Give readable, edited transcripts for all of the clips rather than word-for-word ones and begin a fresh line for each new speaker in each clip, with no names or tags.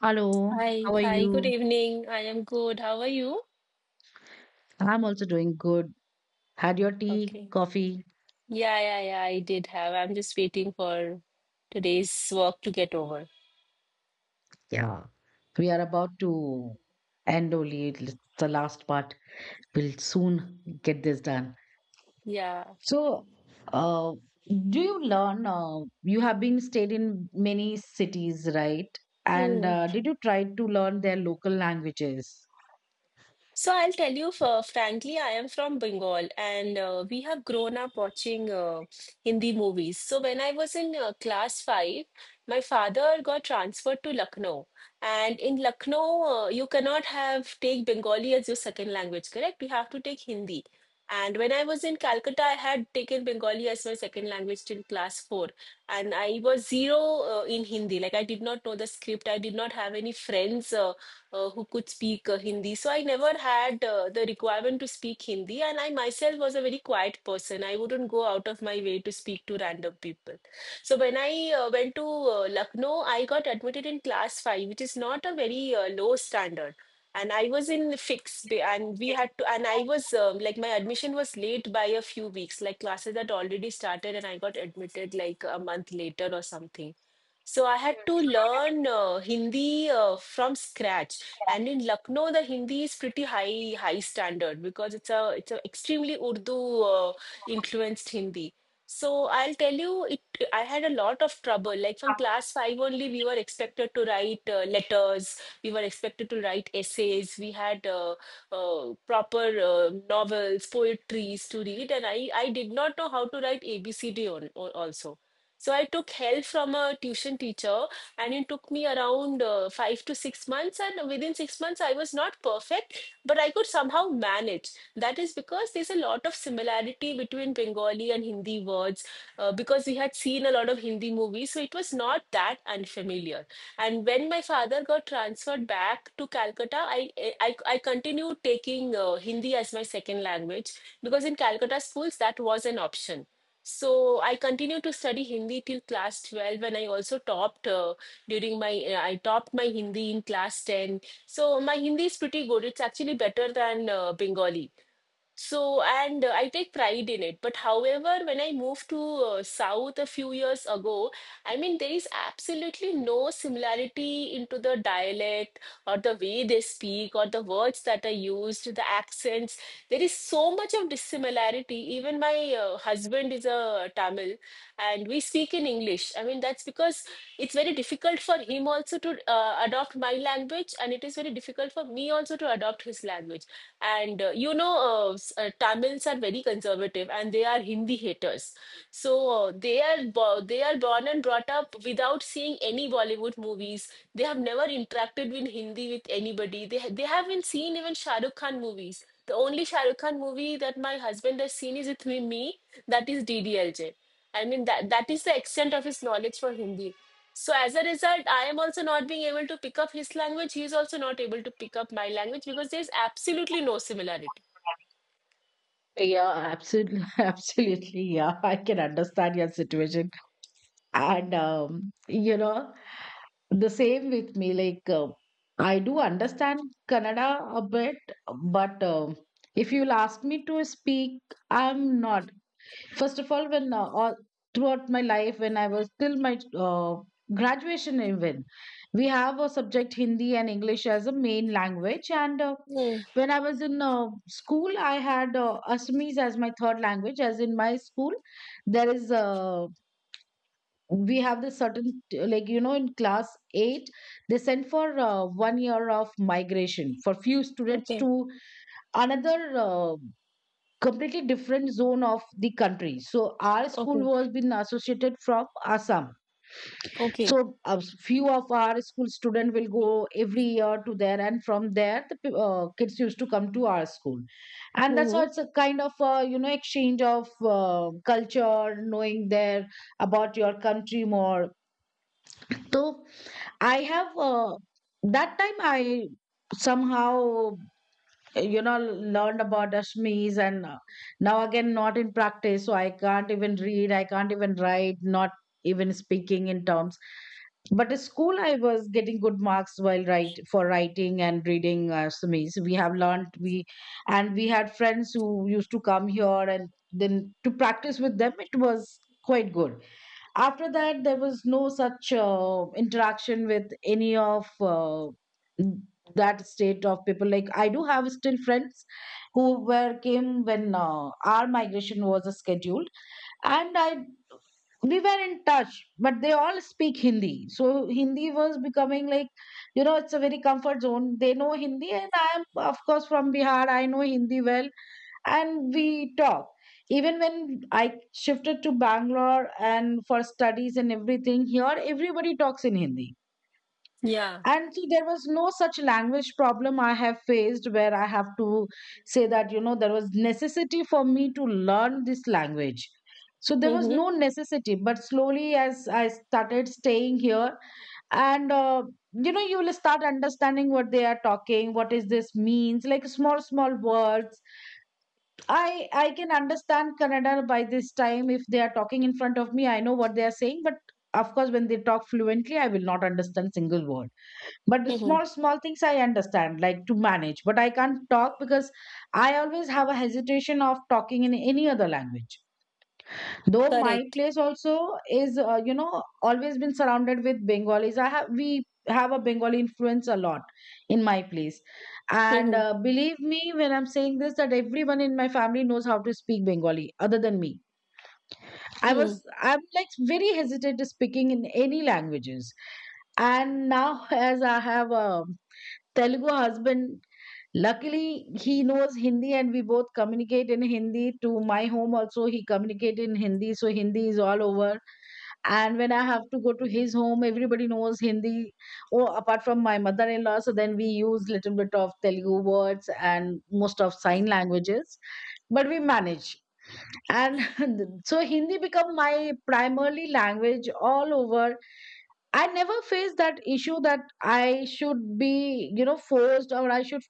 Hello, how
Hi,
are
hi, good
you?
evening. I am good. How are you?
I'm also doing good. Had your tea,
Okay.
coffee?
Yeah, yeah, yeah, I did have. I'm just waiting for today's work to get over.
Yeah. We are about to end only the last part. We'll soon get this done.
Yeah.
So, uh, do you learn? You have been stayed in many cities, right? And
Hmm.
did you try to learn their local languages?
So I'll tell you, for frankly, I am from Bengal and we have grown up watching Hindi movies. So when I was in class five, my father got transferred to Lucknow. And in Lucknow, you cannot have take Bengali as your second language, correct? You have to take Hindi. And when I was in Calcutta, I had taken Bengali as my second language till class four. And I was zero in Hindi. Like I did not know the script. I did not have any friends, who could speak Hindi. So I never had the requirement to speak Hindi, and I myself was a very quiet person. I wouldn't go out of my way to speak to random people. So when I went to Lucknow, I got admitted in class five, which is not a very low standard. And I was in fix, and we had to, and I was like my admission was late by a few weeks. Like classes had already started, and I got admitted like a month later or something. So I had to learn Hindi from scratch. And in Lucknow, the Hindi is pretty high standard because it's a extremely Urdu influenced Hindi. So I'll tell you, it I had a lot of trouble. Like from class five only, we were expected to write letters. We were expected to write essays. We had proper novels, poetries to read, and I did not know how to write ABCD on also. So I took help from a tuition teacher and it took me around 5 to 6 months. And within 6 months, I was not perfect, but I could somehow manage. That is because there's a lot of similarity between Bengali and Hindi words because we had seen a lot of Hindi movies, so it was not that unfamiliar. And when my father got transferred back to Calcutta, I continued taking Hindi as my second language because in Calcutta schools that was an option. So I continued to study Hindi till class 12 and I also topped. During my I topped my Hindi in class 10. So my Hindi is pretty good. It's actually better than Bengali. So, and I take pride in it. But however, when I moved to South a few years ago, I mean, there is absolutely no similarity into the dialect or the way they speak or the words that are used, the accents. There is so much of dissimilarity. Even my husband is a Tamil and we speak in English. I mean, that's because it's very difficult for him also to adopt my language and it is very difficult for me also to adopt his language. And Tamils are very conservative and they are Hindi haters. So they are born and brought up without seeing any Bollywood movies. They have never interacted with Hindi with anybody. They haven't seen even Shah Rukh Khan movies. The only Shah Rukh Khan movie that my husband has seen is with me, that is DDLJ. I mean that that is the extent of his knowledge for Hindi. So as a result, I am also not being able to pick up his language. He is also not able to pick up my language because there is absolutely no similarity.
Yeah, absolutely, absolutely. Yeah, I can understand your situation and you know, the same with me, like I do understand Kannada a bit, but if you'll ask me to speak, I'm not. First of all, when throughout my life, when I was till my uh, graduation even, we have a subject Hindi and English as a main language. And
Hmm.
when I was in school, I had Assamese as my third language. As in my school, there is we have this certain like, you know, in class 8, they sent for 1 year of migration for few students
Okay.
to another completely different zone of the country. So our school
Okay.
was been associated from Assam.
Okay.
So a few of our school student will go every year to there, and from there the kids used to come to our school. And that's
Hmm.
how it's a kind of you know, exchange of culture, knowing there about your country more. So I have that time I somehow, you know, learned about Ashmis, and now again not in practice, so I can't even read, I can't even write, not even speaking in terms. But at school I was getting good marks while write for writing and reading Assamese. We have learned, we had friends who used to come here, and then to practice with them, it was quite good. After that, there was no such interaction with any of that state of people. Like, I do have still friends who were came when our migration was scheduled, and I we were in touch, but they all speak Hindi. So Hindi was becoming like, you know, it's a very comfort zone. They know Hindi and I am, of course, from Bihar, I know Hindi well, and we talk. Even when I shifted to Bangalore and for studies and everything, here everybody talks in Hindi.
Yeah.
And see, there was no such language problem I have faced, where I have to say that, you know, there was necessity for me to learn this language. So there was
Hmm.
no necessity, but slowly as I started staying here and you know, you will start understanding what they are talking, what is this means, like small small words. I can understand Kannada by this time. If they are talking in front of me, I know what they are saying, but of course, when they talk fluently, I will not understand single word. But the
Hmm.
small small things I understand, like to manage. But I can't talk because I always have a hesitation of talking in any other language, though my
Correct.
place also is you know, always been surrounded with Bengalis. I have We have a Bengali influence a lot in my place. And
Hmm.
believe me when I'm saying this, that everyone in my family knows how to speak Bengali other than me. i was
Hmm.
I'm like very hesitant to speaking in any languages. And now as I have a Telugu husband, luckily he knows Hindi, and we both communicate in Hindi. To my home also he communicate in Hindi, so Hindi is all over. And when I have to go to his home, everybody knows Hindi. Oh, apart from my mother-in-law. So then we use little bit of Telugu words and most of sign languages, but we manage. And so Hindi become my primary language all over. I never faced that issue that I should be you know, forced, or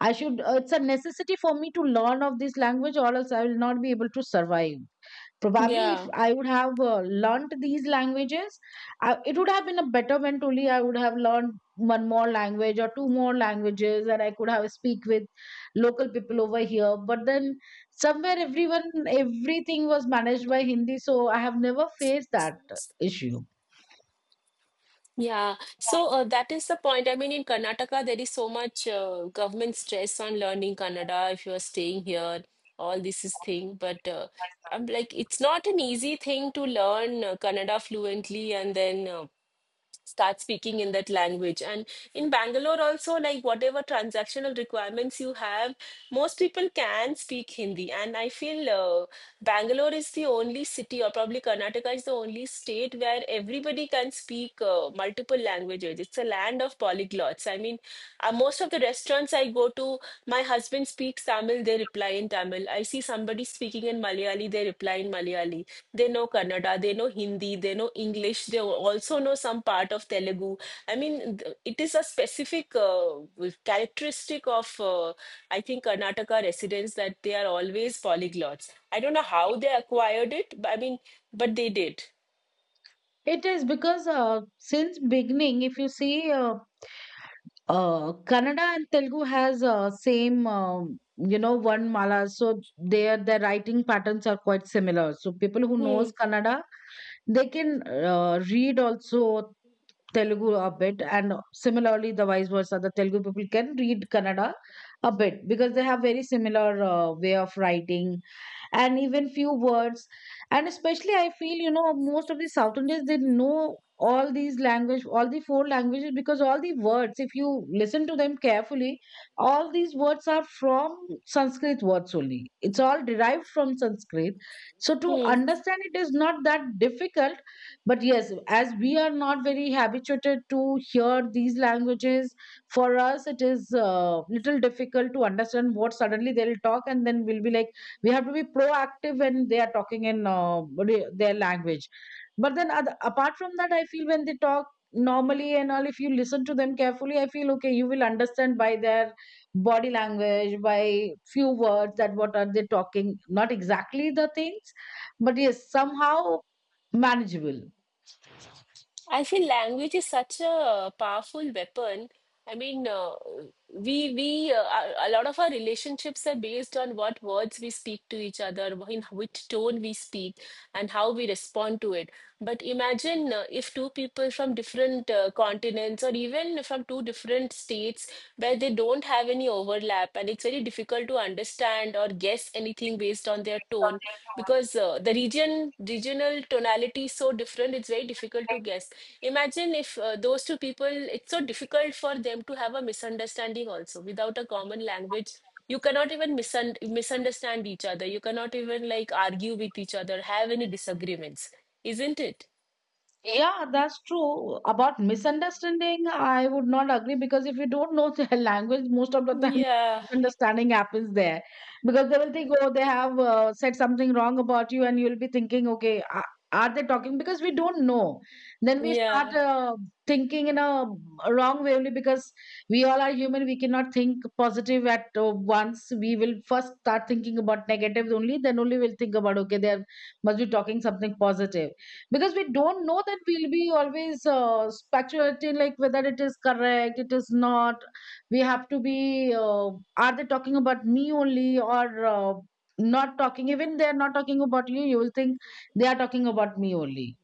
I should it's a necessity for me to learn of this language, or else I will not be able to survive. Probably if
Yeah.
I would have learnt these languages, it would have been a better when only I would have learned one more language or two more languages, and I could have speak with local people over here. But then, somewhere, everyone, everything was managed by Hindi, so I have never faced that issue.
Yeah. So that is the point. I mean, in Karnataka, there is so much government stress on learning Kannada if you are staying here. All this is thing, but I'm like, it's not an easy thing to learn Kannada fluently and then. Start speaking in that language. And in Bangalore also, like whatever transactional requirements you have, most people can speak Hindi, and I feel Bangalore is the only city, or probably Karnataka is the only state where everybody can speak multiple languages. It's a land of polyglots. I mean, most of the restaurants I go to, my husband speak Tamil, they reply in Tamil. I see somebody speaking in Malayali, they reply in Malayali. They know Kannada, they know Hindi, they know English, they also know some part of Telugu. I mean, it is a specific characteristic of, I think, Karnataka residents that they are always polyglots. I don't know how they acquired it, but I mean, but they did.
It is because since beginning, if you see uh, Kannada and Telugu has same you know, one mala, so their writing patterns are quite similar. So people who
Hmm.
knows Kannada, they can read also Telugu a bit, and similarly the vice versa. The Telugu people can read Kannada a bit, because they have very similar way of writing and even few words. And especially I feel, you know, most of the South Indians, they know all these language, all the four languages, because all the words, if you listen to them carefully, all these words are from Sanskrit words only, it's all derived from Sanskrit. So to
Hmm.
understand it is not that difficult. But yes, as we are not very habituated to hear these languages, for us it is little difficult to understand. What suddenly they'll talk, and then we'll be like, we have to be proactive when they are talking in their language. But then apart from that, I feel when they talk normally and all, if you listen to them carefully, I feel, okay, you will understand by their body language, by few words, that what are they talking. Not exactly the things, but yes, somehow manageable.
I feel language is such a powerful weapon. I mean, a lot of our relationships are based on what words we speak to each other, in which tone we speak, and how we respond to it. But imagine if two people from different continents or even from two different states where they don't have any overlap, and it's very difficult to understand or guess anything based on their tone, because the regional tonality is so different. It's very difficult to guess. Imagine if those two people, it's so difficult for them to have a misunderstanding also. Without a common language you cannot even misunderstand each other. You cannot even, like, argue with each other, have any disagreements, isn't it?
Yeah, that's true. About misunderstanding, I would not agree, because if you don't know their language, most of the time
Yeah,
misunderstanding happens there, because they will think, oh, they have said something wrong about you, and you'll be thinking, okay, are they talking? Because we don't know. Then we start
yeah.
thinking in a wrong way only, because we all are human. We cannot think positive at once. We will first start thinking about negatives only, then only we'll think about, okay, they are- must be talking something positive. Because we don't know that, we'll be always speculating like whether it is correct it is not. We have to be are they talking about me only, or not talking. Even they're not talking about you, you will think they are talking about me only.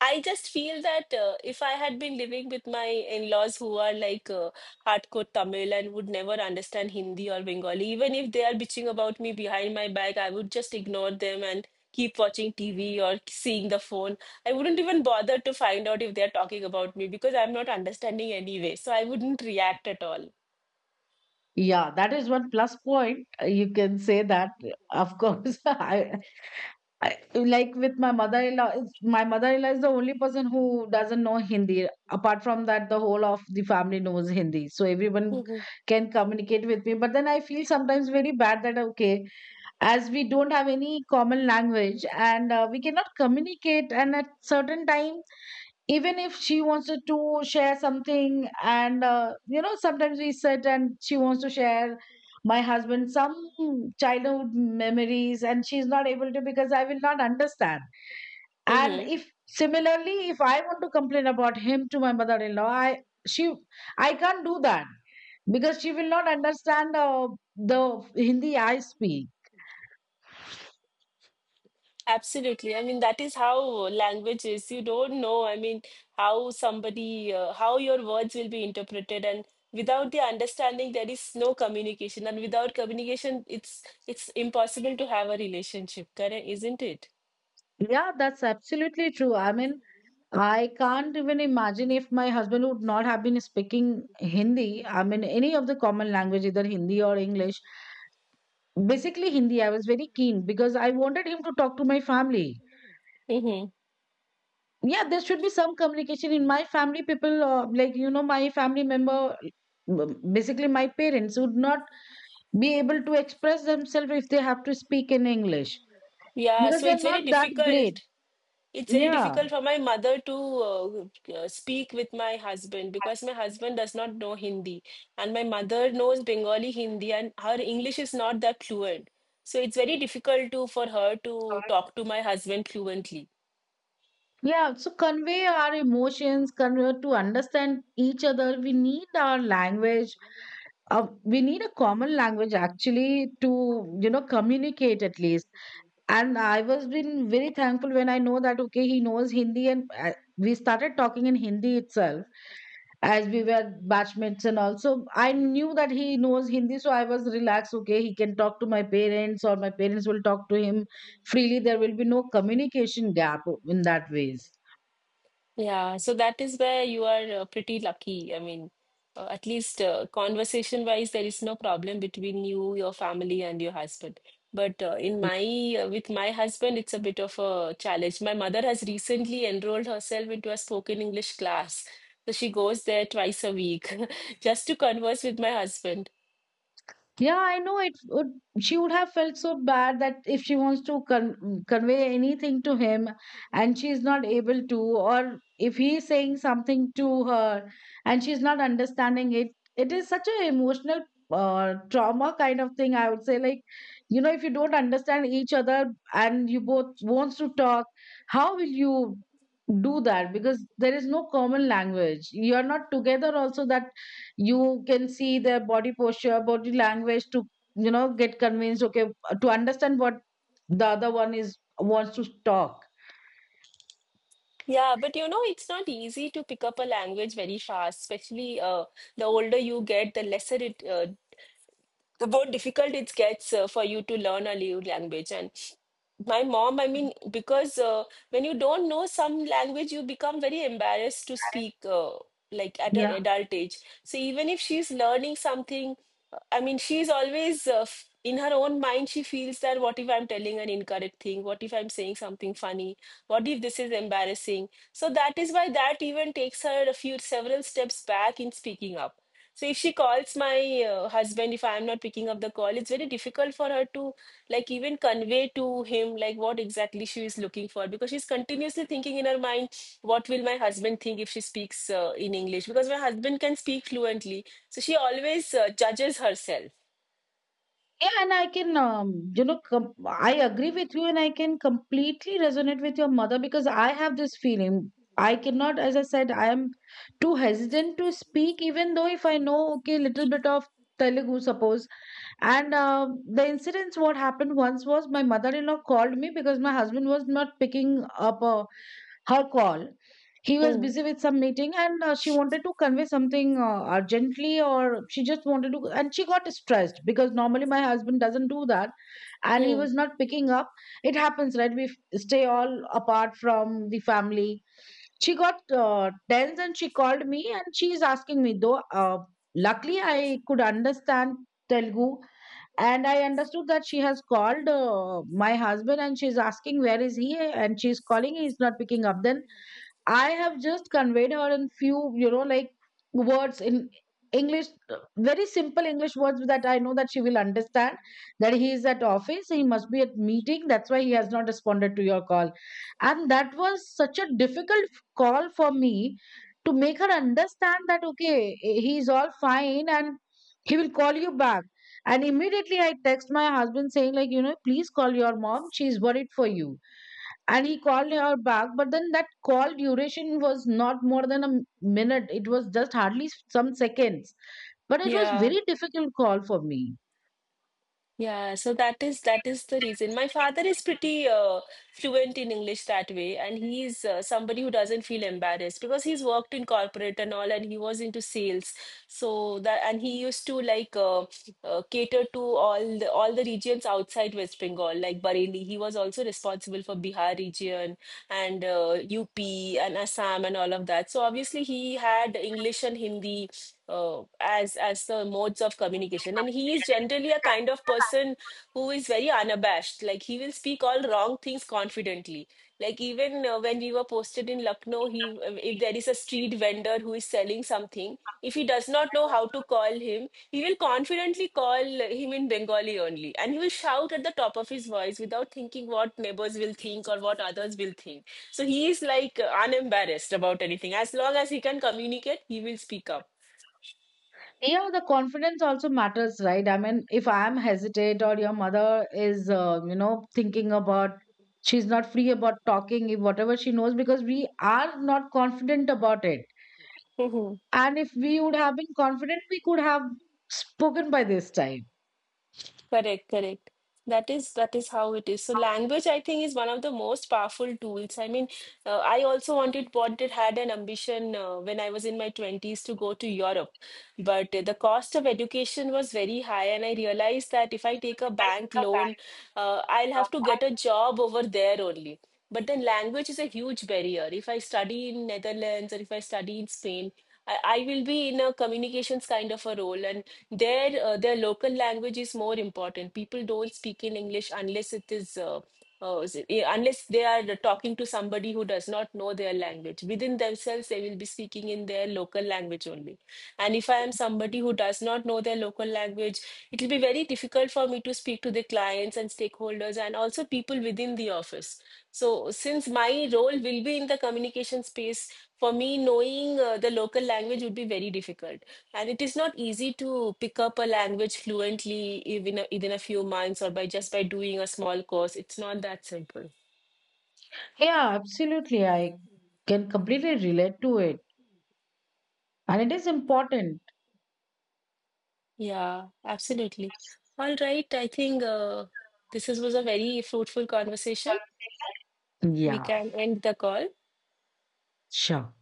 I just feel that if I had been living with my in-laws who are like hardcore Tamil and would never understand Hindi or Bengali, even if they are bitching about me behind my back, I would just ignore them and keep watching TV or seeing the phone. I wouldn't even bother to find out if they're talking about me because I'm not understanding anyway. So I wouldn't react at all.
Yeah, that is one plus point. You can say that, of course. I like with my mother-in-law. My mother-in-law is the only person who doesn't know Hindi. Apart from that, the whole of the family knows Hindi, so everyone can communicate with me. But then I feel sometimes very bad that, okay, as we don't have any common language and we cannot communicate, and at certain time, even if she wants to share something, and you know, sometimes we sit and she wants to share my husband some childhood memories, and she's not able to, because I will not understand. And
Mm-hmm.
if similarly, if I want to complain about him to my mother-in-law, she I can't do that, because she will not understand the Hindi I speak.
Absolutely. I mean, that is how language is. You don't know, I mean, how how your words will be interpreted, and without the understanding, there is no communication, and without communication, it's impossible to have a relationship, correct? Isn't it?
Yeah, that's absolutely true. I mean, I can't even imagine if my husband would not have been speaking Hindi. I mean, any of the common language, either Hindi or English. Basically, Hindi, I was very keen, because I wanted him to talk to my family.
Mm-hmm.
Yeah, there should be some communication in my family. People, like, you know, my family member, basically my parents, would not be able to express themselves if they have to speak in English,
Yeah,
because
so it's
they're not
very
that great.
difficult. It's very
Yeah.
difficult for my mother to speak with my husband because my husband does not know Hindi and my mother knows Bengali Hindi and her English is not that fluent. So it's very difficult to for her to talk to my husband fluently.
Yeah, so convey our emotions, convey to understand each other. We need our language. We need a common language, actually, to, you know, communicate at least. And I was been very thankful when I know that, okay, he knows Hindi, and we started talking in Hindi itself, as we were batchmates, and also I knew that he knows Hindi. So I was relaxed. Okay, he can talk to my parents, or my parents will talk to him freely. There will be no communication gap in that ways.
Yeah, so that is where you are pretty lucky. I mean, at least conversation wise, there is no problem between you, your family, and your husband. But in my with my husband, it's a bit of a challenge. My mother has recently enrolled herself into a spoken English class, so she goes there twice a week just to converse with my husband.
Yeah, I know it would. She would have felt so bad that if she wants to convey anything to him and she's not able to, or if he's saying something to her and she's not understanding it, it is such an emotional trauma kind of thing. I would say, like, you know, if you don't understand each other and you both wants to talk, how will you do that? Because there is no common language. You are not together. Also, that you can see their body posture, body language to, you know, get convinced, okay, to understand what the other one is wants to talk.
Yeah, but it's not easy to pick up a language very fast, especially the older you get, the more difficult it gets for you to learn a new language. And my mom, I mean, because when you don't know some language, you become very embarrassed to speak, like at an
Yeah,
adult age. So even if she's learning something, I mean, she's always in her own mind she feels that what if I'm telling an incorrect thing, what if I'm saying something funny, what if this is embarrassing. So that is why that even takes her a few several steps back in speaking up. So if she calls my husband, if I'm not picking up the call, it's very difficult for her to like even convey to him like what exactly she is looking for, because she's continuously thinking in her mind, what will my husband think if she speaks in English? Because my husband can speak fluently, so she always judges herself.
yeah, and I can you know, I agree with you, and I can completely resonate with your mother, because I have this feeling. I cannot, as I said, I am too hesitant to speak, even though if I know, okay, little bit of Telugu, suppose. And the incidents what happened once was, my mother-in-law called me because my husband was not picking up. Her call. He was
Mm.
busy with some meeting, and she wanted to convey something urgently, or she just wanted to, and she got stressed because normally my husband doesn't do that, and he
Mm.
was not picking up. It happens, right? We stay all apart from the family. She got tense, and she called me, and she is asking me, though, luckily I could understand Telugu, and I understood that she has called my husband and she's asking where is he, and she's calling, he's not picking up. Then I have just conveyed her in few, you know, like, words in English, very simple English words that I know that she will understand. That he is at office, he must be at meeting. That's why he has not responded to your call. And that was such a difficult call for me to make her understand that, okay, he is all fine and he will call you back. And immediately I text my husband saying, like, you know, please call your mom, she is worried for you. And he called her back, but then that call duration was not more than a minute. It was just hardly some seconds, but it was
Yeah.
very difficult call for me.
Yeah, so that is the reason. My father is pretty fluent in English that way, and he's somebody who doesn't feel embarrassed because he's worked in corporate and all, and he was into sales. So that and he used to like cater to all the regions outside West Bengal, like Bareilly. He was also responsible for Bihar region and UP and Assam and all of that. So obviously he had English and Hindi as the modes of communication, and he is generally a kind of person who is very unabashed, like he will speak all wrong things confidently. Like even when we were posted in Lucknow, he if there is a street vendor who is selling something, if he does not know how to call him, he will confidently call him in Bengali only, and he will shout at the top of his voice without thinking what neighbors will think or what others will think. So he is like unembarrassed about anything. As long as he can communicate, he will speak up.
Yeah, the confidence also matters, right? I mean, if I am hesitate, or your mother is you know, thinking about, she's not free about talking if whatever she knows, because we are not confident about it.
Mhm.
And if we would have been confident, we could have spoken by this
Correct, correct. That is how it is. So language, I think, is one of the most powerful tools. I mean, I also had an ambition when I was in my 20s to go to Europe, but the cost of education was very high, and I realized that if I take a bank
time.
loan, I'll have to get a job over there only. But then language is a huge barrier. If I study in Netherlands or if I study in Spain, I will be in a communications kind of a role, and their local language is more important. People don't speak in English unless it is. Uh, Unless they are talking to somebody who does not know their language, within themselves they will be speaking in their local language only. And if I am somebody who does not know their local language, it will be very difficult for me to speak to the clients and stakeholders and also people within the office. So, since my role will be in the communication space, for me, knowing the local language would be very difficult. And it is not easy to pick up a language fluently even within a few months, or by just by doing a small course. It's not that simple.
Yeah, absolutely. I can completely relate to it. And it is important.
Yeah, absolutely. All right. I think this was a very fruitful conversation. We
Yeah,
can end the call.
sure.